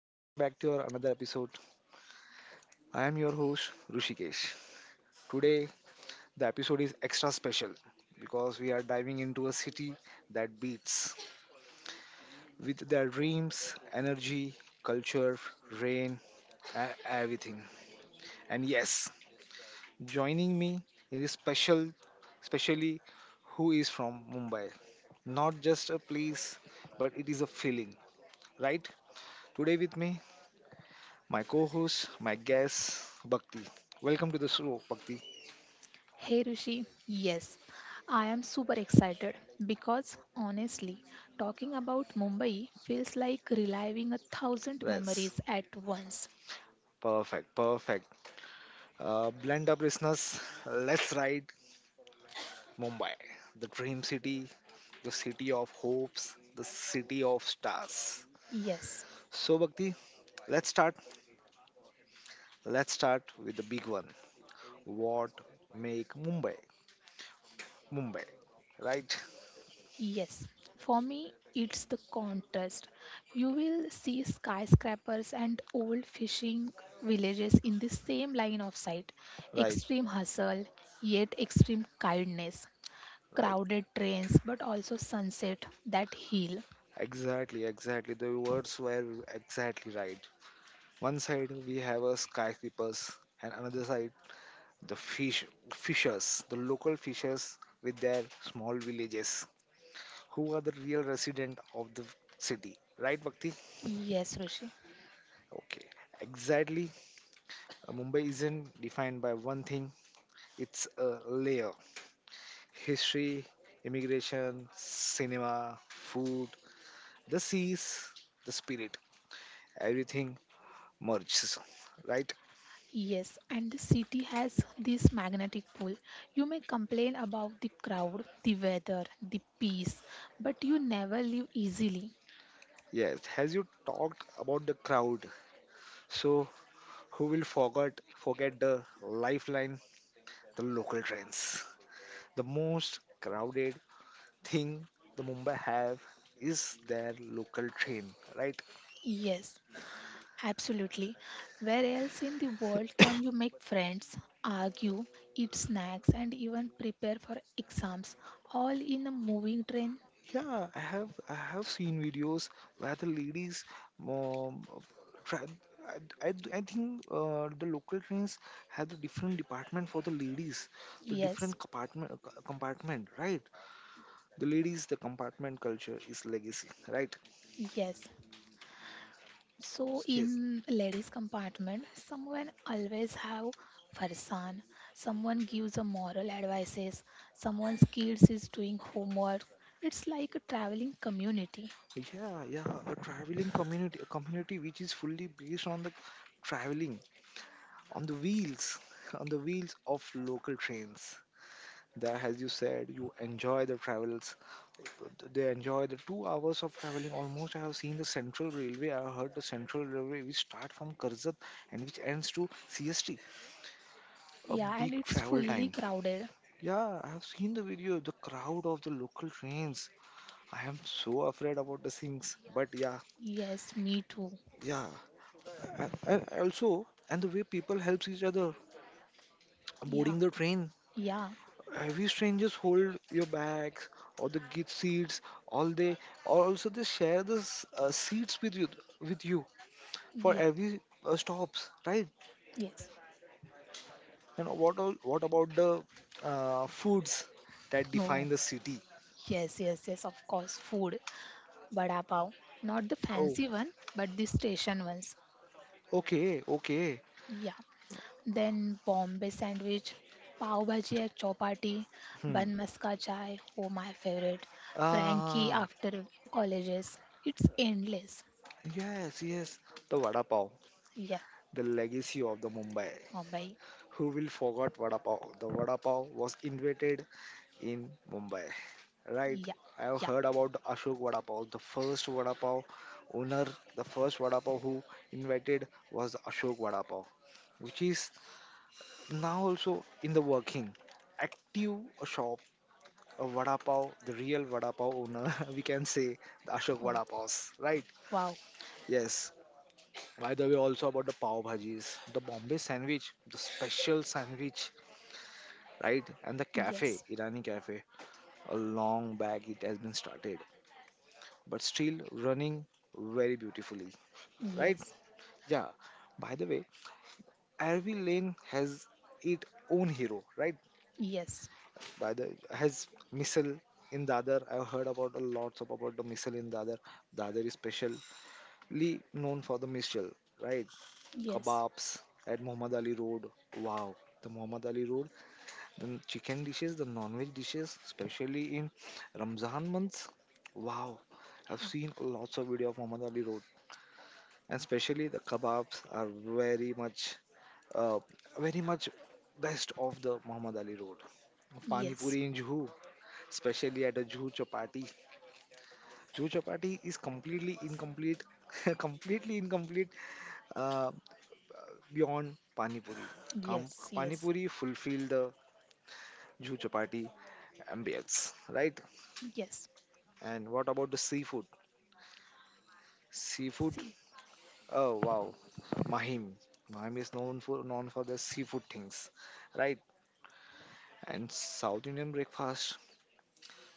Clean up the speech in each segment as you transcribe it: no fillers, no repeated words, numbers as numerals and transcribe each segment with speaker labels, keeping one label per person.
Speaker 1: Welcome back to your another episode. I am your host Rushikesh. Today the episode is extra special because we are diving into a city that beats with their dreams, energy, culture, rain, and everything. And yes, joining me in this special, specially who is from Mumbai. Not just a place, but it is a feeling, right? Today with me my co-host, my guest, Bhakti. Welcome to the show, Bhakti.
Speaker 2: Hey Rishi, yes, I am super excited because honestly, talking about Mumbai feels like reliving a thousand
Speaker 1: Yes,
Speaker 2: memories at once.
Speaker 1: perfect, perfect. Blend up, listeners. Let's ride Mumbai, the dream city, the city of hopes, the city of stars.
Speaker 2: Yes,
Speaker 1: So, Bhakti, let's start. Let's start with the big one. What make Mumbai, Mumbai? Right,
Speaker 2: yes, for me, it's the contrast. You will see skyscrapers and old fishing villages in the same line of sight.
Speaker 1: right,
Speaker 2: Extreme hustle, yet extreme kindness.
Speaker 1: right.
Speaker 2: Crowded trains, but also sunset that heal.
Speaker 1: Exactly, exactly. The words were exactly right. One side we have a skyscrapers, and another side the fishers the local fishers with their small villages who are the real resident of the city, right, bhakti?
Speaker 2: Yes, Rishi.
Speaker 1: Okay, exactly. Mumbai isn't defined by one thing. It's a layer, history, immigration, cinema, food, the seas, the spirit, everything merges, right?
Speaker 2: Yes, and the city has this magnetic pull. You may complain about the crowd, the weather, the peace, but you never live easily.
Speaker 1: Yes, has you talked about the crowd, so who will forget the lifeline, the local trains. The most crowded thing the Mumbai have is their local train, right?
Speaker 2: Yes, absolutely. Where else in the world can you make friends, argue, eat snacks, and even prepare for exams all in a moving train?
Speaker 1: Yeah, I have seen videos where the ladies um, try. I think the local trains have the different department for the ladies, the
Speaker 2: Yes,
Speaker 1: different compartment compartment, right? The ladies, the compartment culture is legacy, right?
Speaker 2: yes. So
Speaker 1: Yes,
Speaker 2: in ladies compartment, someone always have farsan, someone gives a moral advices, someone's kids is doing homework. It's like a traveling community.
Speaker 1: yeah, yeah. A traveling community, a community which is fully based on the traveling, on the wheels, on the wheels of local trains. That, as you said, you enjoy the travels. They enjoy the 2 hours of traveling. Almost, I have seen the Central Railway. I have heard the Central Railway, which start from Karzat and which ends to CST. A
Speaker 2: Yeah,
Speaker 1: big
Speaker 2: and it's
Speaker 1: travel
Speaker 2: fully
Speaker 1: time.
Speaker 2: crowded.
Speaker 1: Yeah, I have seen the video. The crowd of the local trains. I am so afraid about the things. But yeah,
Speaker 2: Yes, me too.
Speaker 1: yeah, and also, and the way people helps each other
Speaker 2: Yeah,
Speaker 1: boarding the train.
Speaker 2: yeah,
Speaker 1: Heavy strangers hold your bags or the gift seats. All day, or also they share the seats with you for
Speaker 2: yeah,
Speaker 1: every stops, right?
Speaker 2: yes.
Speaker 1: And what all, what about the foods that
Speaker 2: Oh,
Speaker 1: define the city?
Speaker 2: yes, yes, yes, of course, food. Vada pav. Not the
Speaker 1: Oh,
Speaker 2: fancy one, but the station ones.
Speaker 1: okay, okay.
Speaker 2: Yeah, then Bombay sandwich, pav bhaji at chopati,
Speaker 1: Hmm.
Speaker 2: bun maska chai, oh my favorite, Frankie
Speaker 1: Ah,
Speaker 2: after colleges. It's endless.
Speaker 1: yes, yes. The vada pav,
Speaker 2: Yeah,
Speaker 1: the legacy of the Mumbai.
Speaker 2: Mumbai.
Speaker 1: Who will forget vada pav? The vada pav was invented in Mumbai. Right,
Speaker 2: Yeah,
Speaker 1: I've
Speaker 2: yeah.
Speaker 1: heard about the Ashok Vada Pav, the first Vada Pav owner, the first Vada Pav who invented was the Ashok Vada Pav, which is now also in the working. Active shop, a Vada Pav, the real Vada Pav owner, we can say the Ashok
Speaker 2: Oh,
Speaker 1: Vada Pavs, right?
Speaker 2: wow.
Speaker 1: Yes. By the way, also about the Pav Bhajis, the Bombay sandwich, the special sandwich, right? And the cafe,
Speaker 2: Yes,
Speaker 1: Irani cafe, a long back it has been started but still running very beautifully, right?
Speaker 2: yes,
Speaker 1: Yeah. By the way, every lane has its own hero, right?
Speaker 2: yes,
Speaker 1: By the has missile in Dadar. I've heard about a lots of about the missile in Dadar. Dadar is specially known for the missile, right?
Speaker 2: yes,
Speaker 1: Kebabs at Muhammad Ali Road. Wow, the Muhammad Ali Road. Then chicken dishes, the non-veg dishes, especially in Ramzan months. Wow, I've
Speaker 2: yeah,
Speaker 1: seen lots of video of Muhammad Ali Road, and especially the kebabs are very much uh, very much best of the Muhammad Ali Road. Pani
Speaker 2: yes,
Speaker 1: Puri in Juhu, especially at a Juhu Chapati. Juhu Chapati is completely incomplete, completely incomplete uh, beyond Pani Puri.
Speaker 2: yes,
Speaker 1: Pani
Speaker 2: yes,
Speaker 1: Puri fulfill the Juhu Chapati ambience, right?
Speaker 2: yes.
Speaker 1: And what about the seafood? Seafood,
Speaker 2: See,
Speaker 1: oh wow, Mahim. Mahim is known for the seafood things, right? And South Indian breakfast,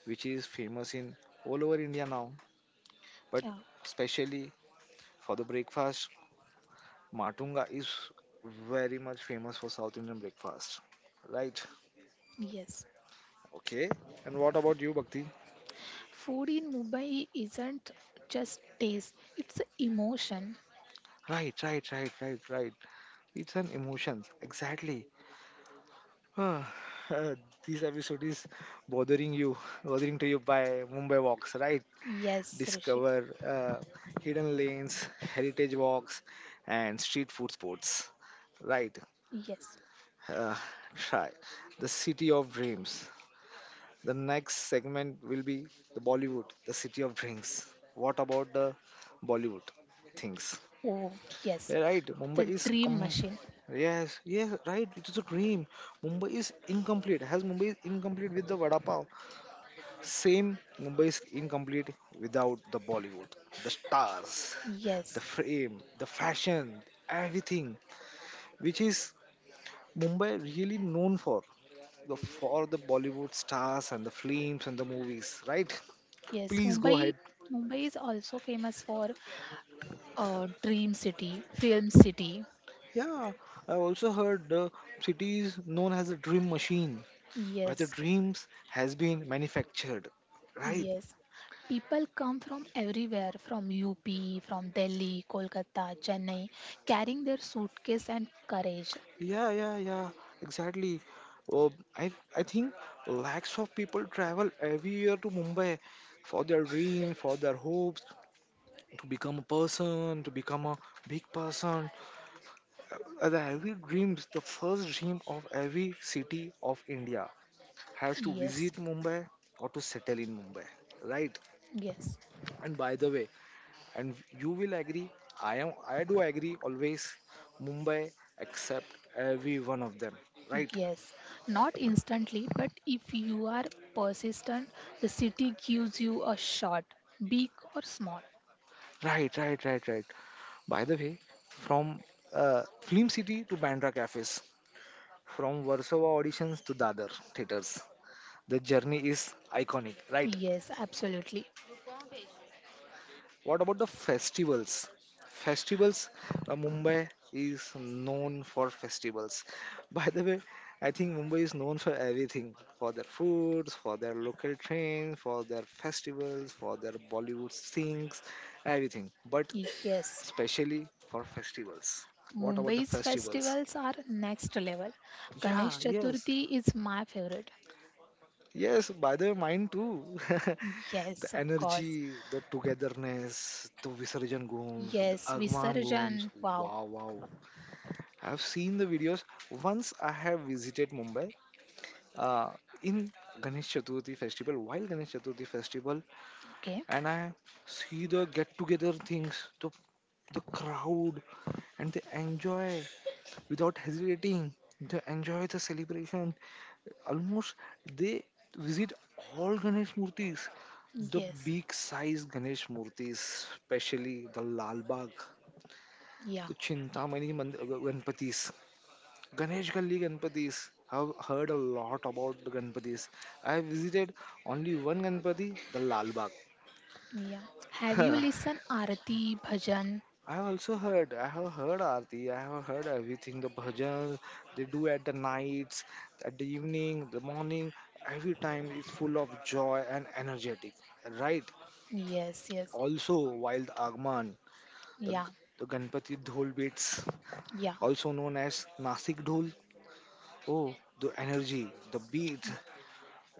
Speaker 1: which is famous in all over India now. But
Speaker 2: yeah,
Speaker 1: especially for the breakfast, Matunga is very much famous for South Indian breakfast. Right.
Speaker 2: yes.
Speaker 1: Okay. And what about you, Bhakti?
Speaker 2: Food in Mumbai isn't just taste, it's emotion.
Speaker 1: Right, right, right, right, right. It's an emotion. Exactly. Ah, this episode is bothering you, bothering to you by Mumbai Walks, right?
Speaker 2: Yes, Rishi.
Speaker 1: Discover hidden lanes, heritage walks, and street food spots. Right,
Speaker 2: Yes.
Speaker 1: uh, try the city of dreams. The next segment will be the Bollywood, the city of dreams. What about the Bollywood things?
Speaker 2: Oh, yes,
Speaker 1: Yeah, right, Mumbai
Speaker 2: the
Speaker 1: is com.
Speaker 2: dream machine.
Speaker 1: Yes, yes, right. It is a dream. Mumbai is incomplete. Has Mumbai is incomplete with the vada pav? Same, Mumbai is incomplete without the Bollywood, the stars, the
Speaker 2: Yes,
Speaker 1: frame, the fashion, everything, which is Mumbai really known for, the for the Bollywood stars and the films and the movies, right?
Speaker 2: yes.
Speaker 1: Please go
Speaker 2: Mumbai,
Speaker 1: ahead.
Speaker 2: Mumbai is also famous for dream city, film city.
Speaker 1: Yeah, I also heard the city is known as a dream machine, where the
Speaker 2: Yes,
Speaker 1: dreams has been manufactured, right?
Speaker 2: yes. People come from everywhere, from UP, from Delhi, Kolkata, Chennai, carrying their suitcase and courage.
Speaker 1: Yeah, yeah, yeah, exactly. Uh, I I think lakhs of people travel every year to Mumbai for their dream, for their hopes, to become a person, to become a big person. The every dreams, the first dream of every city of India has to
Speaker 2: Yes,
Speaker 1: visit Mumbai or to settle in Mumbai, right?
Speaker 2: yes,
Speaker 1: And by the way, and you will agree, I am, I do agree always. Mumbai accept every one of them, right?
Speaker 2: yes. Not instantly, but if you are persistent, the city gives you a shot, big or small.
Speaker 1: Right, right, right, right. By the way, from Film City to Bandra cafes, from Warsaw auditions to Dadar theaters, the journey is iconic, right?
Speaker 2: Yes, absolutely.
Speaker 1: What about the festivals? Festivals, Mumbai is known for festivals. By the way, I think Mumbai is known for everything, for their foods, for their local trains, for their festivals, for their Bollywood sings, everything. But
Speaker 2: Yes.
Speaker 1: especially for festivals. What about the
Speaker 2: Mumbai's
Speaker 1: festivals?
Speaker 2: festivals are next level.
Speaker 1: Yeah,
Speaker 2: Ganesh
Speaker 1: yes.
Speaker 2: Chaturthi is my favorite.
Speaker 1: Yes, by the way, mine too. The
Speaker 2: Yes, of course.
Speaker 1: energy, the togetherness, the Visarjan gooms, the
Speaker 2: Yes,
Speaker 1: Agman gooms.
Speaker 2: Visarjan. Wow.
Speaker 1: Wow, wow, I've seen the videos. Once I have visited Mumbai uh, in Ganesh Chaturthi festival, while Ganesh Chaturthi festival,
Speaker 2: Okay.
Speaker 1: and I see the get together things, the crowd, and they enjoy without hesitating. They enjoy the celebration. Almost they visit all Ganesh Murtis, the
Speaker 2: Yes.
Speaker 1: big size Ganesh Murtis, especially the Lal Bagh,
Speaker 2: Yeah.
Speaker 1: the Ganpatis. Ganesh Galli Ganpatis. I've heard a lot about the Ganpatis. I visited only one Ganpati, the Lal Bagh.
Speaker 2: Yeah. Have you listened Arati Bhajan?
Speaker 1: I also heard, I have heard Aarti, I have heard everything, the bhajans they do at the nights, at the evening, the morning, every time is full of joy and energetic, right?
Speaker 2: Yes, yes.
Speaker 1: Also, while the Agman, the, G-
Speaker 2: Yeah.
Speaker 1: the Ganpati Dhol beats,
Speaker 2: Yeah.
Speaker 1: also known as Nasik Dhol, oh, the energy, the beat,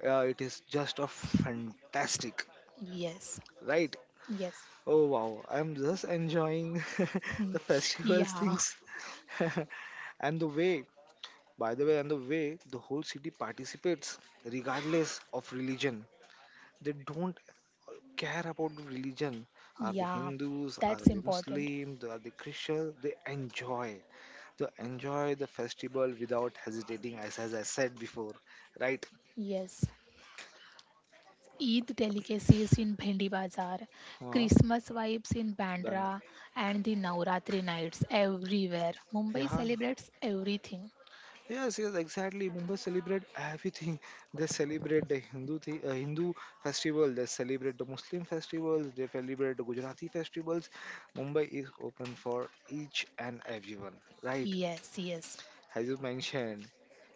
Speaker 1: yeah, it is just a fantastic,
Speaker 2: Yes.
Speaker 1: right?
Speaker 2: Yes.
Speaker 1: Oh wow, I'm just enjoying the festival
Speaker 2: yeah.
Speaker 1: things. and the way, by the way, and the way the whole city participates, regardless of religion. They don't care about the religion. Are they
Speaker 2: Yeah.
Speaker 1: Hindus? Are
Speaker 2: That's
Speaker 1: they
Speaker 2: important.
Speaker 1: Muslims? Are they Christians? They enjoy. They enjoy the festival without hesitating, as I said before, right?
Speaker 2: Yes. Eid delicacies in Bhendi Bazaar,
Speaker 1: Huh?
Speaker 2: Christmas vibes in
Speaker 1: Then,
Speaker 2: Bandra, and the Navratri nights everywhere. Mumbai
Speaker 1: yeah,
Speaker 2: celebrates everything.
Speaker 1: yes, yes, exactly. Mumbai celebrate everything. They celebrate the Hindu festival. They celebrate the Muslim festivals. They celebrate the Gujarati festivals. Mumbai is open for each and everyone. Right?
Speaker 2: Yes, yes,
Speaker 1: As you mentioned,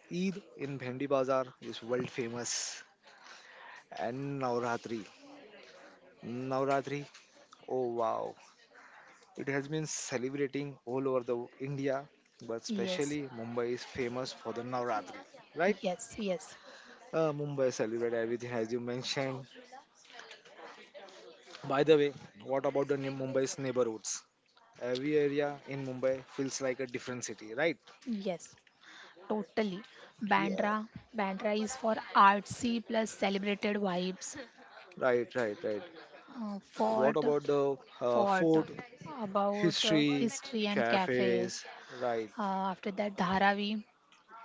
Speaker 1: Eid in Bhendi Bazaar is world famous, and Navratri. Navratri. Oh wow! It has been celebrating all over the India, but
Speaker 2: yes,
Speaker 1: especially Mumbai is famous for the Navratri. Right?
Speaker 2: yes, yes,
Speaker 1: Mumbai celebrate everything as you mentioned. By the way, what about the Mumbai's neighborhoods? Every area in Mumbai feels like a different city, right?
Speaker 2: yes, totally.
Speaker 1: Yeah,
Speaker 2: Bandra, Bandra is for artsy plus celebrated vibes.
Speaker 1: right, right, right.
Speaker 2: Uh,
Speaker 1: What
Speaker 2: fort,
Speaker 1: about the
Speaker 2: fort
Speaker 1: food,
Speaker 2: about
Speaker 1: history,
Speaker 2: history and cafes.
Speaker 1: cafes, right?
Speaker 2: Uh, after that, Dharavi,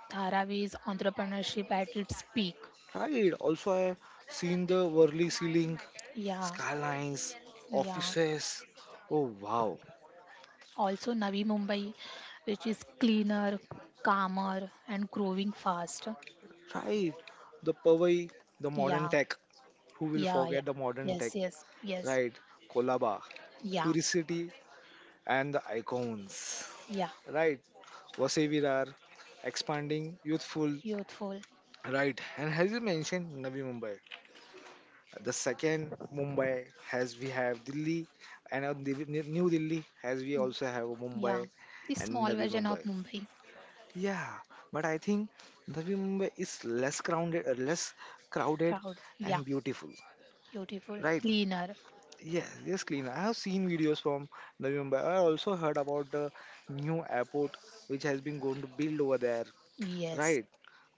Speaker 2: Dharavi is entrepreneurship at its peak.
Speaker 1: Right. Also, I seen the Worli ceiling,
Speaker 2: Yeah,
Speaker 1: skylines,
Speaker 2: yeah.
Speaker 1: offices. Oh wow!
Speaker 2: Also, Navi Mumbai, which is cleaner, calmer, and growing fast.
Speaker 1: Right. The Powai, the modern
Speaker 2: Yeah,
Speaker 1: tech. Who will
Speaker 2: yeah,
Speaker 1: forget
Speaker 2: yeah.
Speaker 1: the modern tech,
Speaker 2: Yes, yes, yes.
Speaker 1: right? Kolaba,
Speaker 2: Yeah,
Speaker 1: Turicity, and the Icons,
Speaker 2: yeah.
Speaker 1: right? Vasevirar, expanding, youthful,
Speaker 2: Youthful.
Speaker 1: right? And as you mentioned, Navi Mumbai. The second Mumbai, as we have Delhi, and New Delhi, as we also have
Speaker 2: Yeah.
Speaker 1: Mumbai
Speaker 2: The
Speaker 1: and
Speaker 2: small
Speaker 1: Navi
Speaker 2: version of
Speaker 1: Mumbai.
Speaker 2: Mumbai.
Speaker 1: Yeah, but I think Navi Mumbai is less crowded, crowded
Speaker 2: Proud. Yeah.
Speaker 1: and beautiful,
Speaker 2: Beautiful.
Speaker 1: right?
Speaker 2: Cleaner.
Speaker 1: Yes, yes, clean. I have seen videos from Navi Mumbai. I also heard about the new airport which has been going to build over there,
Speaker 2: Yes.
Speaker 1: right?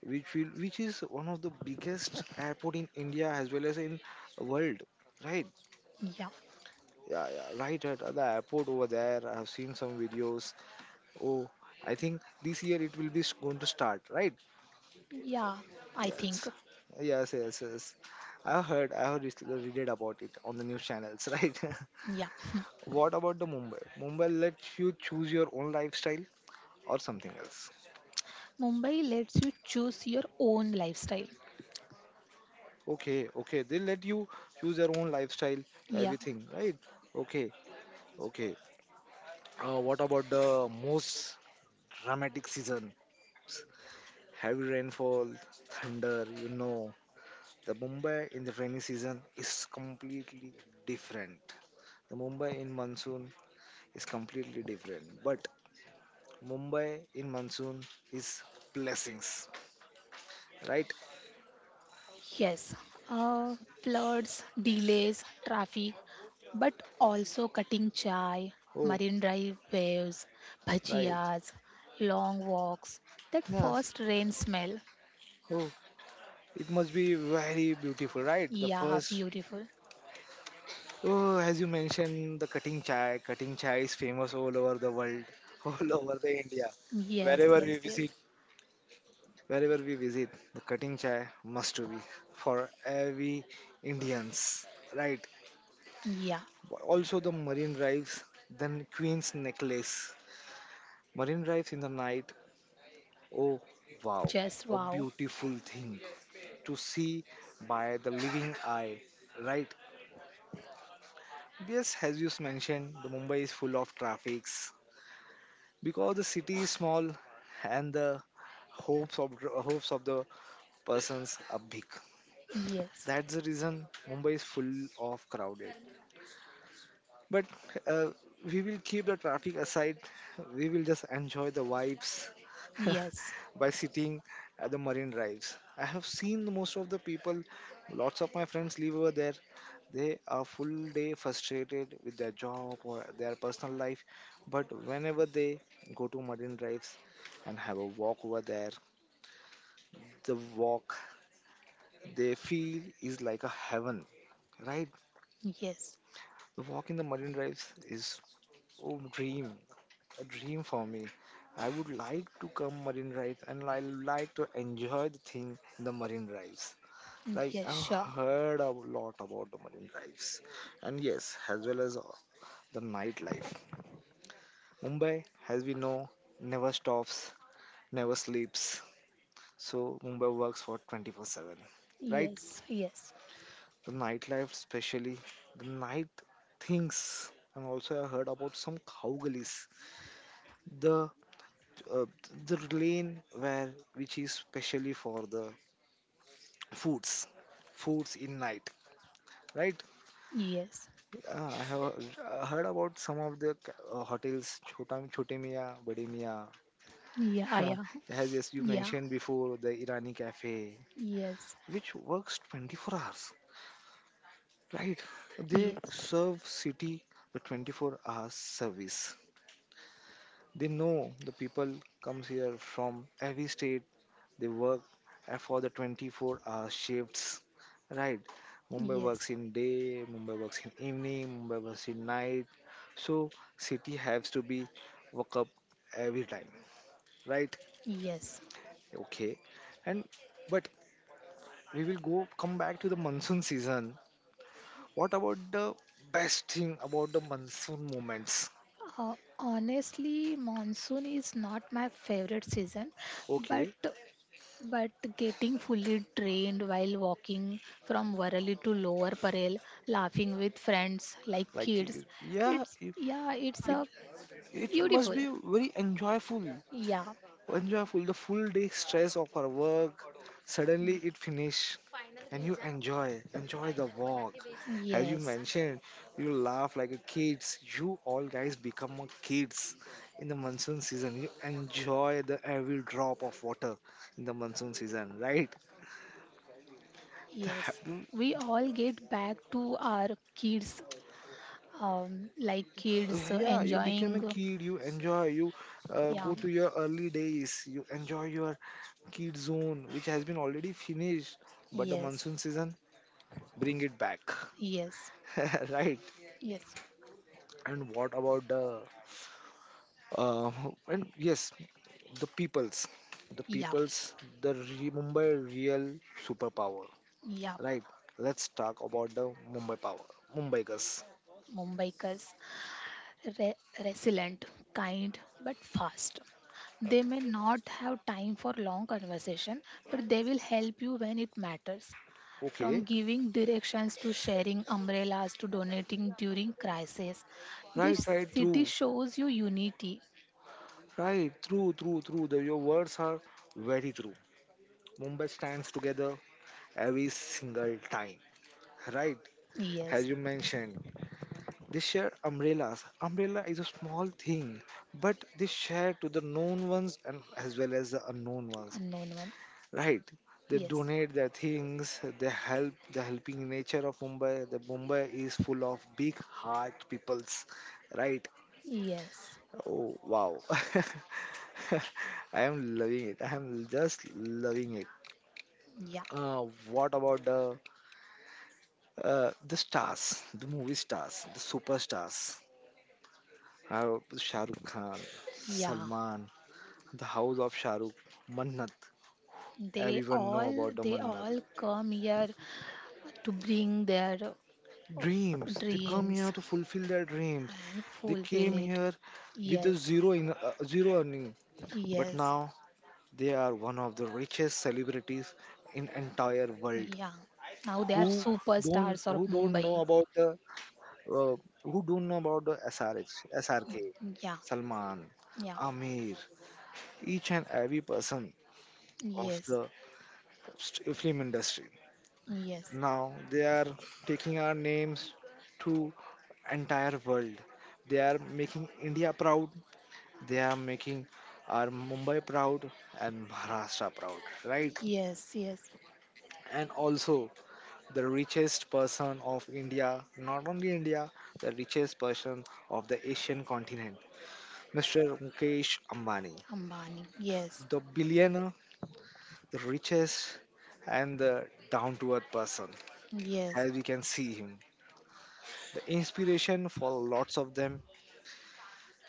Speaker 1: Which is one of the biggest airport in India as well as in world, right?
Speaker 2: Yeah.
Speaker 1: Yeah, yeah, right, right. At the airport over there. I have seen some videos. Oh, I think this year it will be going to start, right?
Speaker 2: Yeah. I think.
Speaker 1: Yes, yes, yes, yes. I heard, read about it on the news channels, right?
Speaker 2: Yeah.
Speaker 1: What about the Mumbai? Mumbai lets you choose your own lifestyle or something else.
Speaker 2: Mumbai lets you choose your own lifestyle.
Speaker 1: Okay, okay, they let you choose your own lifestyle,
Speaker 2: Yeah.
Speaker 1: everything, right? Okay, okay. What about the most dramatic seasons? Heavy rainfall, thunder, you know. The Mumbai in the rainy season is completely different. The Mumbai in monsoon is completely different. But Mumbai in monsoon is blessings, right?
Speaker 2: Yes, uh, floods, delays, traffic, but also cutting chai,
Speaker 1: Oh,
Speaker 2: marine drive waves,
Speaker 1: right.
Speaker 2: bhajiyas, long walks, that
Speaker 1: Yes.
Speaker 2: first rain smell.
Speaker 1: Oh, it must be very beautiful, right? The
Speaker 2: Yeah,
Speaker 1: first,
Speaker 2: beautiful.
Speaker 1: oh, as you mentioned, the cutting chai. Cutting chai is famous all over the world, all over the India.
Speaker 2: Yes,
Speaker 1: Wherever
Speaker 2: yes,
Speaker 1: we
Speaker 2: yes.
Speaker 1: visit, wherever we visit, the cutting chai must to be for every Indians, right?
Speaker 2: Yeah,
Speaker 1: Also the marine drives, then Queen's necklace. Marine drives in the night. Oh, wow!
Speaker 2: just
Speaker 1: A
Speaker 2: wow.
Speaker 1: beautiful thing to see by the living eye, right? Yes, as you mentioned, the Mumbai is full of traffics because the city is small and the hopes of hopes of the persons are big.
Speaker 2: Yes,
Speaker 1: That's the reason Mumbai is full of crowded. But uh, we will keep the traffic aside. We will just enjoy the vibes
Speaker 2: yes,
Speaker 1: by sitting at the marine drives. I have seen the most of the people, lots of my friends live over there. They are full day frustrated with their job or their personal life. But whenever they go to marine drives and have a walk over there, the walk they feel is like a heaven, right?
Speaker 2: yes,
Speaker 1: The walk in the marine drives is oh dream. A dream for me. I would like to come marine drives and I like to enjoy the thing in the marine drives. Like
Speaker 2: yes,
Speaker 1: I've
Speaker 2: sure.
Speaker 1: heard a lot about the marine drives, and yes, as well as the nightlife. Mumbai, as we know, never stops, never sleeps. So Mumbai works for 24/7, right?
Speaker 2: Yes, yes,
Speaker 1: The nightlife, especially the night things, and also I heard about some cowgullies, the uh, the lane where which is specially for the foods foods in night, right?
Speaker 2: yes.
Speaker 1: I have heard about some of the hotels chota chote miya bade miya.
Speaker 2: Yeah, yeah,
Speaker 1: As yes you
Speaker 2: yeah,
Speaker 1: mentioned before the irani cafe
Speaker 2: yes,
Speaker 1: which works 24 hours, right? They
Speaker 2: yes,
Speaker 1: serve city the 24 hours service. They know the people comes here from every state. They work for the 24-hour shifts, right? Mumbai
Speaker 2: yes,
Speaker 1: works in day, Mumbai works in evening, Mumbai works in night. So city has to be woke up every time, right?
Speaker 2: yes.
Speaker 1: Okay, and but we will go come back to the monsoon season. What about the best thing about the monsoon moments?
Speaker 2: Honestly, monsoon is not my favorite season, but
Speaker 1: Okay,
Speaker 2: but getting fully drained while walking from Warali to Lower Parel, laughing with friends like
Speaker 1: like
Speaker 2: kids,
Speaker 1: yeah,
Speaker 2: it's
Speaker 1: it,
Speaker 2: yeah, it's a
Speaker 1: It must
Speaker 2: beautiful.
Speaker 1: be very enjoyable,
Speaker 2: Yeah,
Speaker 1: enjoyable. The full day stress of our work, suddenly it finish, and you enjoy, enjoy the walk. As you
Speaker 2: yes,
Speaker 1: mentioned, you laugh like a kids. You all guys become a kids in the monsoon season. You enjoy the every drop of water in the monsoon season, right? The
Speaker 2: yes.
Speaker 1: happy-
Speaker 2: We all get back to our kids, like kids
Speaker 1: yeah, you become a
Speaker 2: enjoying. uh,
Speaker 1: kid. You enjoy. You
Speaker 2: Yeah,
Speaker 1: go to your early days. You enjoy your Kids Zone, which has been already finished, but the
Speaker 2: yes,
Speaker 1: monsoon season bring it back,
Speaker 2: yes,
Speaker 1: right?
Speaker 2: yes,
Speaker 1: And what about the uh, and yes, the peoples, the
Speaker 2: yeah,
Speaker 1: peoples, the re- Mumbai real superpower,
Speaker 2: yeah.
Speaker 1: right? Let's talk about the Mumbai power, Mumbai gas.
Speaker 2: Mumbaikars, re- resilient, kind, but fast. They may not have time for long conversation, but they will help you when it matters.
Speaker 1: Okay,
Speaker 2: From giving directions to sharing umbrellas to donating during crisis, this
Speaker 1: right,
Speaker 2: city shows you unity.
Speaker 1: right, true, true, true. The, your words are very true. Mumbai stands together every single time, right? As
Speaker 2: Yes,
Speaker 1: you mentioned, they share umbrellas. Umbrella is a small thing, but they share to the known ones and as well as the unknown ones.
Speaker 2: unknown one.
Speaker 1: Right? They
Speaker 2: Yes,
Speaker 1: donate their things. They help. The helping nature of Mumbai. The Mumbai is full of big heart peoples. Right?
Speaker 2: yes,
Speaker 1: Oh wow! I am loving it. I am just loving it.
Speaker 2: yeah,
Speaker 1: What about the stars? The movie stars. The superstars. How Shah Rukh Khan,
Speaker 2: yeah.
Speaker 1: Salman, the house of Shah Rukh, Mannat.
Speaker 2: They
Speaker 1: Everyone know
Speaker 2: all
Speaker 1: about the
Speaker 2: they
Speaker 1: Mannat.
Speaker 2: all come here to bring their
Speaker 1: Dreams. They come
Speaker 2: dreams,
Speaker 1: here to fulfill their dreams.
Speaker 2: and
Speaker 1: They came
Speaker 2: fulfilled.
Speaker 1: here with a
Speaker 2: Yes,
Speaker 1: zero in zero earning, but
Speaker 2: yes,
Speaker 1: now they are one of the richest celebrities in entire world.
Speaker 2: yeah. Now they are
Speaker 1: Who don't
Speaker 2: superstars of
Speaker 1: who don't know
Speaker 2: Mumbai.
Speaker 1: about the uh, who don't know about the S R H S R K,
Speaker 2: Yeah,
Speaker 1: Salman,
Speaker 2: yeah,
Speaker 1: Amir, each and every person of
Speaker 2: yes,
Speaker 1: the st- film industry.
Speaker 2: yes,
Speaker 1: Now they are taking our names to entire world. They are making India proud. They are making our Mumbai proud and Maharashtra proud, right?
Speaker 2: yes, yes.
Speaker 1: And also the richest person of India, not only India, the richest person of the Asian continent, Mr. Mukesh Ambani,
Speaker 2: Ambani. Yes,
Speaker 1: the billionaire, the richest, and the down to earth person,
Speaker 2: yes,
Speaker 1: as we can see him. The inspiration for lots of them,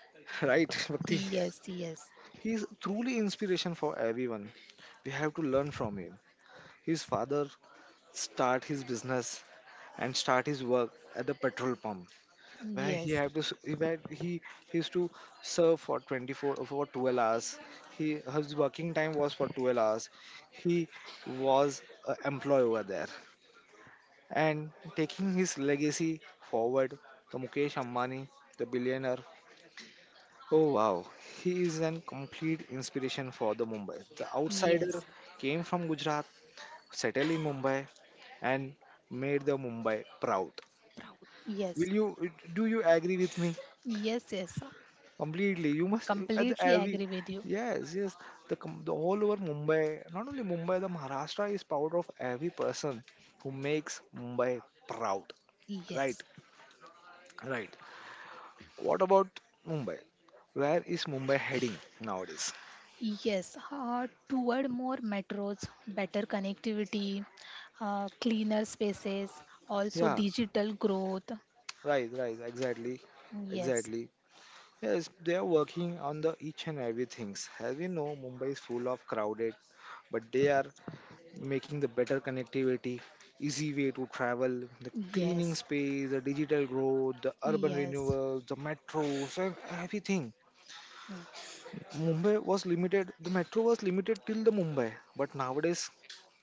Speaker 1: right, Bhakti?
Speaker 2: yes, yes,
Speaker 1: He is truly inspiration for everyone. We have to learn from him. His father start his business and start his work at the petrol pump, where he
Speaker 2: yes,
Speaker 1: had to s- where he used to serve for 24 for 12 hours. He his working time was for 12 hours. He was an employee over there and taking his legacy forward. The Mukesh Ambani, the billionaire. Oh wow, he is an complete inspiration for the Mumbai. The outsider
Speaker 2: yes.
Speaker 1: came from Gujarat, settled in Mumbai, and made the Mumbai proud.
Speaker 2: Proud.
Speaker 1: Will
Speaker 2: Yes,
Speaker 1: you do you agree with me
Speaker 2: yes, yes.
Speaker 1: completely? You must at the
Speaker 2: Completely
Speaker 1: every
Speaker 2: agree with you.
Speaker 1: yes yes the com- the whole over Mumbai, not only Mumbai, the Maharashtra is proud of every person who makes Mumbai proud. Right,
Speaker 2: Yes,
Speaker 1: right. What about Mumbai? Where is Mumbai heading nowadays?
Speaker 2: yes, toward more metros, better connectivity, cleaner spaces, also
Speaker 1: Yeah,
Speaker 2: digital growth.
Speaker 1: right, right, exactly,
Speaker 2: Yes,
Speaker 1: exactly. Yes, they are working on the each and every things. As we know, Mumbai is full of crowded, but they are making the better connectivity, easy way to travel, the cleaning
Speaker 2: yes,
Speaker 1: space, the digital growth, the urban
Speaker 2: yes,
Speaker 1: renewals, the metros, and everything.
Speaker 2: mm,
Speaker 1: Mumbai was limited. The metro was limited till the Mumbai, but nowadays,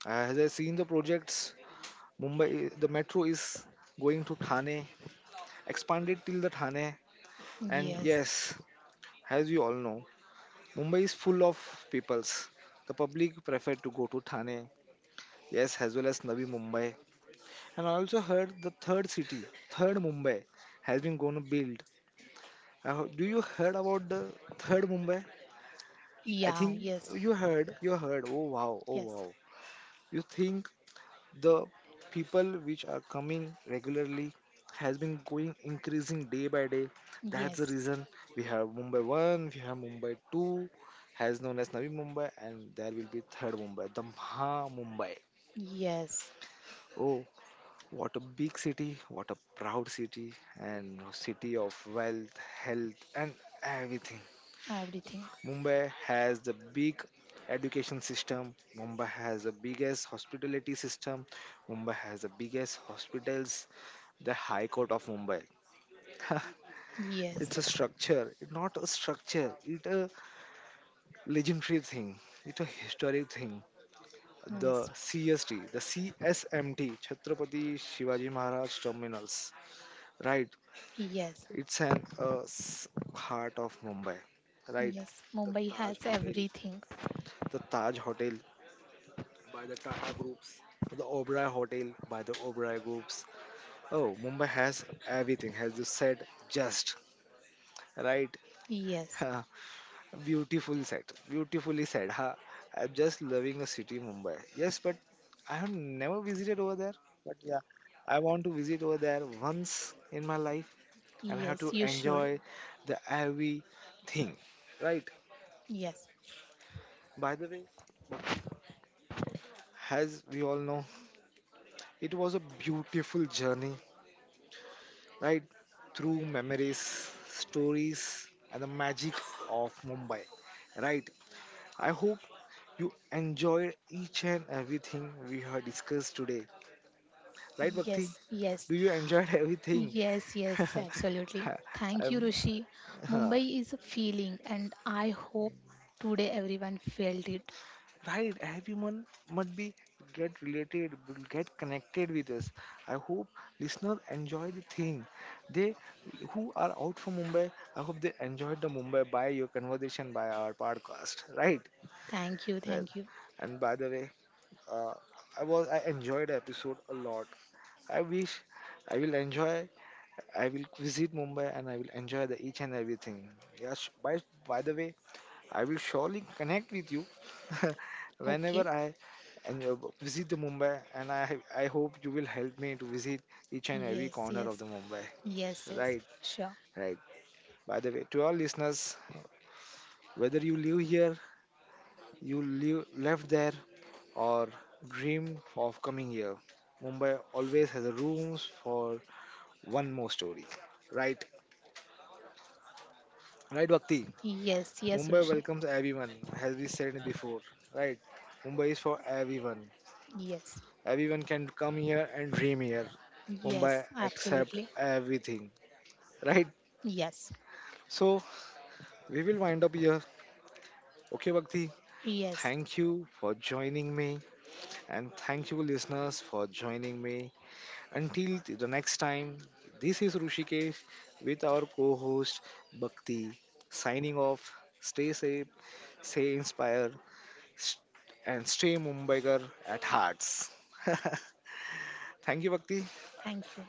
Speaker 1: as I seen the projects, Mumbai the metro is going to Thane, expanded till the Thane. And
Speaker 2: yes,
Speaker 1: yes, as you all know, Mumbai is full of peoples. The public prefer to go to Thane, yes, as well as Navi Mumbai. And I also heard the third city, third Mumbai, has been going to build. I heard- do you heard about the third Mumbai? I
Speaker 2: yeah,
Speaker 1: think
Speaker 2: yes,
Speaker 1: you heard. You heard. Oh wow! Oh
Speaker 2: yes,
Speaker 1: wow! You think the people which are coming regularly has been going increasing day by day, that's the
Speaker 2: yes,
Speaker 1: reason we have Mumbai 1, we have Mumbai 2, has known as Navi Mumbai, and there will be third Mumbai, the Maha Mumbai.
Speaker 2: yes,
Speaker 1: Oh, what a big city, what a proud city, and city of wealth, health, and everything.
Speaker 2: everything.
Speaker 1: Mumbai has the big education system. Mumbai has the biggest hospitality system. Mumbai has the biggest hospitals. The High Court of Mumbai.
Speaker 2: Yes,
Speaker 1: It's a structure. It's not a structure. It's a legendary thing. It's a historic thing. The
Speaker 2: yes,
Speaker 1: CST, the CSMT, Chhatrapati Shivaji Maharaj Terminals. Right.
Speaker 2: yes,
Speaker 1: It's an s- heart of Mumbai. Right.
Speaker 2: yes.
Speaker 1: The
Speaker 2: Mumbai
Speaker 1: Taj
Speaker 2: has
Speaker 1: Hotel.
Speaker 2: everything.
Speaker 1: The Taj Hotel by the Tata Groups, the Oberoi Hotel by the Oberoi Groups. Oh, Mumbai has everything, has the said, just right.
Speaker 2: Yes,
Speaker 1: Beautiful set, beautifully said. Huh? I'm just loving the city, Mumbai. Yes, but I have never visited over there. But yeah, I want to visit over there once in my life, and I have
Speaker 2: yes,
Speaker 1: to
Speaker 2: you should.
Speaker 1: enjoy the everything, right?
Speaker 2: Yes,
Speaker 1: By the way, as we all know, it was a beautiful journey, right? Through memories, stories, and the magic of Mumbai, right? I hope you enjoyed each and everything we have discussed today, right, Bhakti?
Speaker 2: yes, yes.
Speaker 1: Do you enjoyed everything?
Speaker 2: Yes, yes, absolutely. Thank you,
Speaker 1: Um,
Speaker 2: Rishi.
Speaker 1: huh.
Speaker 2: Mumbai is a feeling, and I hope today everyone felt it.
Speaker 1: Right, everyone must be get related, will get connected with us. I hope listeners enjoy the thing. They who are out from Mumbai, I hope they enjoyed the Mumbai by your conversation by our podcast, right?
Speaker 2: Thank you,
Speaker 1: Well,
Speaker 2: thank you.
Speaker 1: and by the way, uh, I enjoyed the episode a lot. I wish I will enjoy. I will visit Mumbai and I will enjoy the each and everything. Yes. By the way, I will surely connect with you whenever
Speaker 2: Okay.
Speaker 1: I and visit the Mumbai. And I hope you will help me to visit each and every
Speaker 2: Yes,
Speaker 1: corner of
Speaker 2: yes,
Speaker 1: the Mumbai.
Speaker 2: yes, yes,
Speaker 1: Right,
Speaker 2: sure.
Speaker 1: right. By the way, to all listeners, whether you live here, you live left there, or dreamed of coming here. Mumbai always has a rooms for one more story. Right? Right, Bhakti?
Speaker 2: Yes, yes,
Speaker 1: Mumbai
Speaker 2: Rishi.
Speaker 1: welcomes everyone, as we said before. Right? Mumbai is for everyone.
Speaker 2: Yes,
Speaker 1: Everyone can come here and dream here. Mumbai
Speaker 2: yes,
Speaker 1: accept
Speaker 2: absolutely.
Speaker 1: everything. Right?
Speaker 2: Yes,
Speaker 1: So, we will wind up here. Okay, Bhakti?
Speaker 2: yes,
Speaker 1: Thank you for joining me, and thank you, listeners, for joining me until th- the next time, this is Rushikesh with our co host Bhakti signing off. Stay safe, stay inspired, s- and stay Mumbaikar at hearts. Thank you, Bhakti.
Speaker 2: thank you.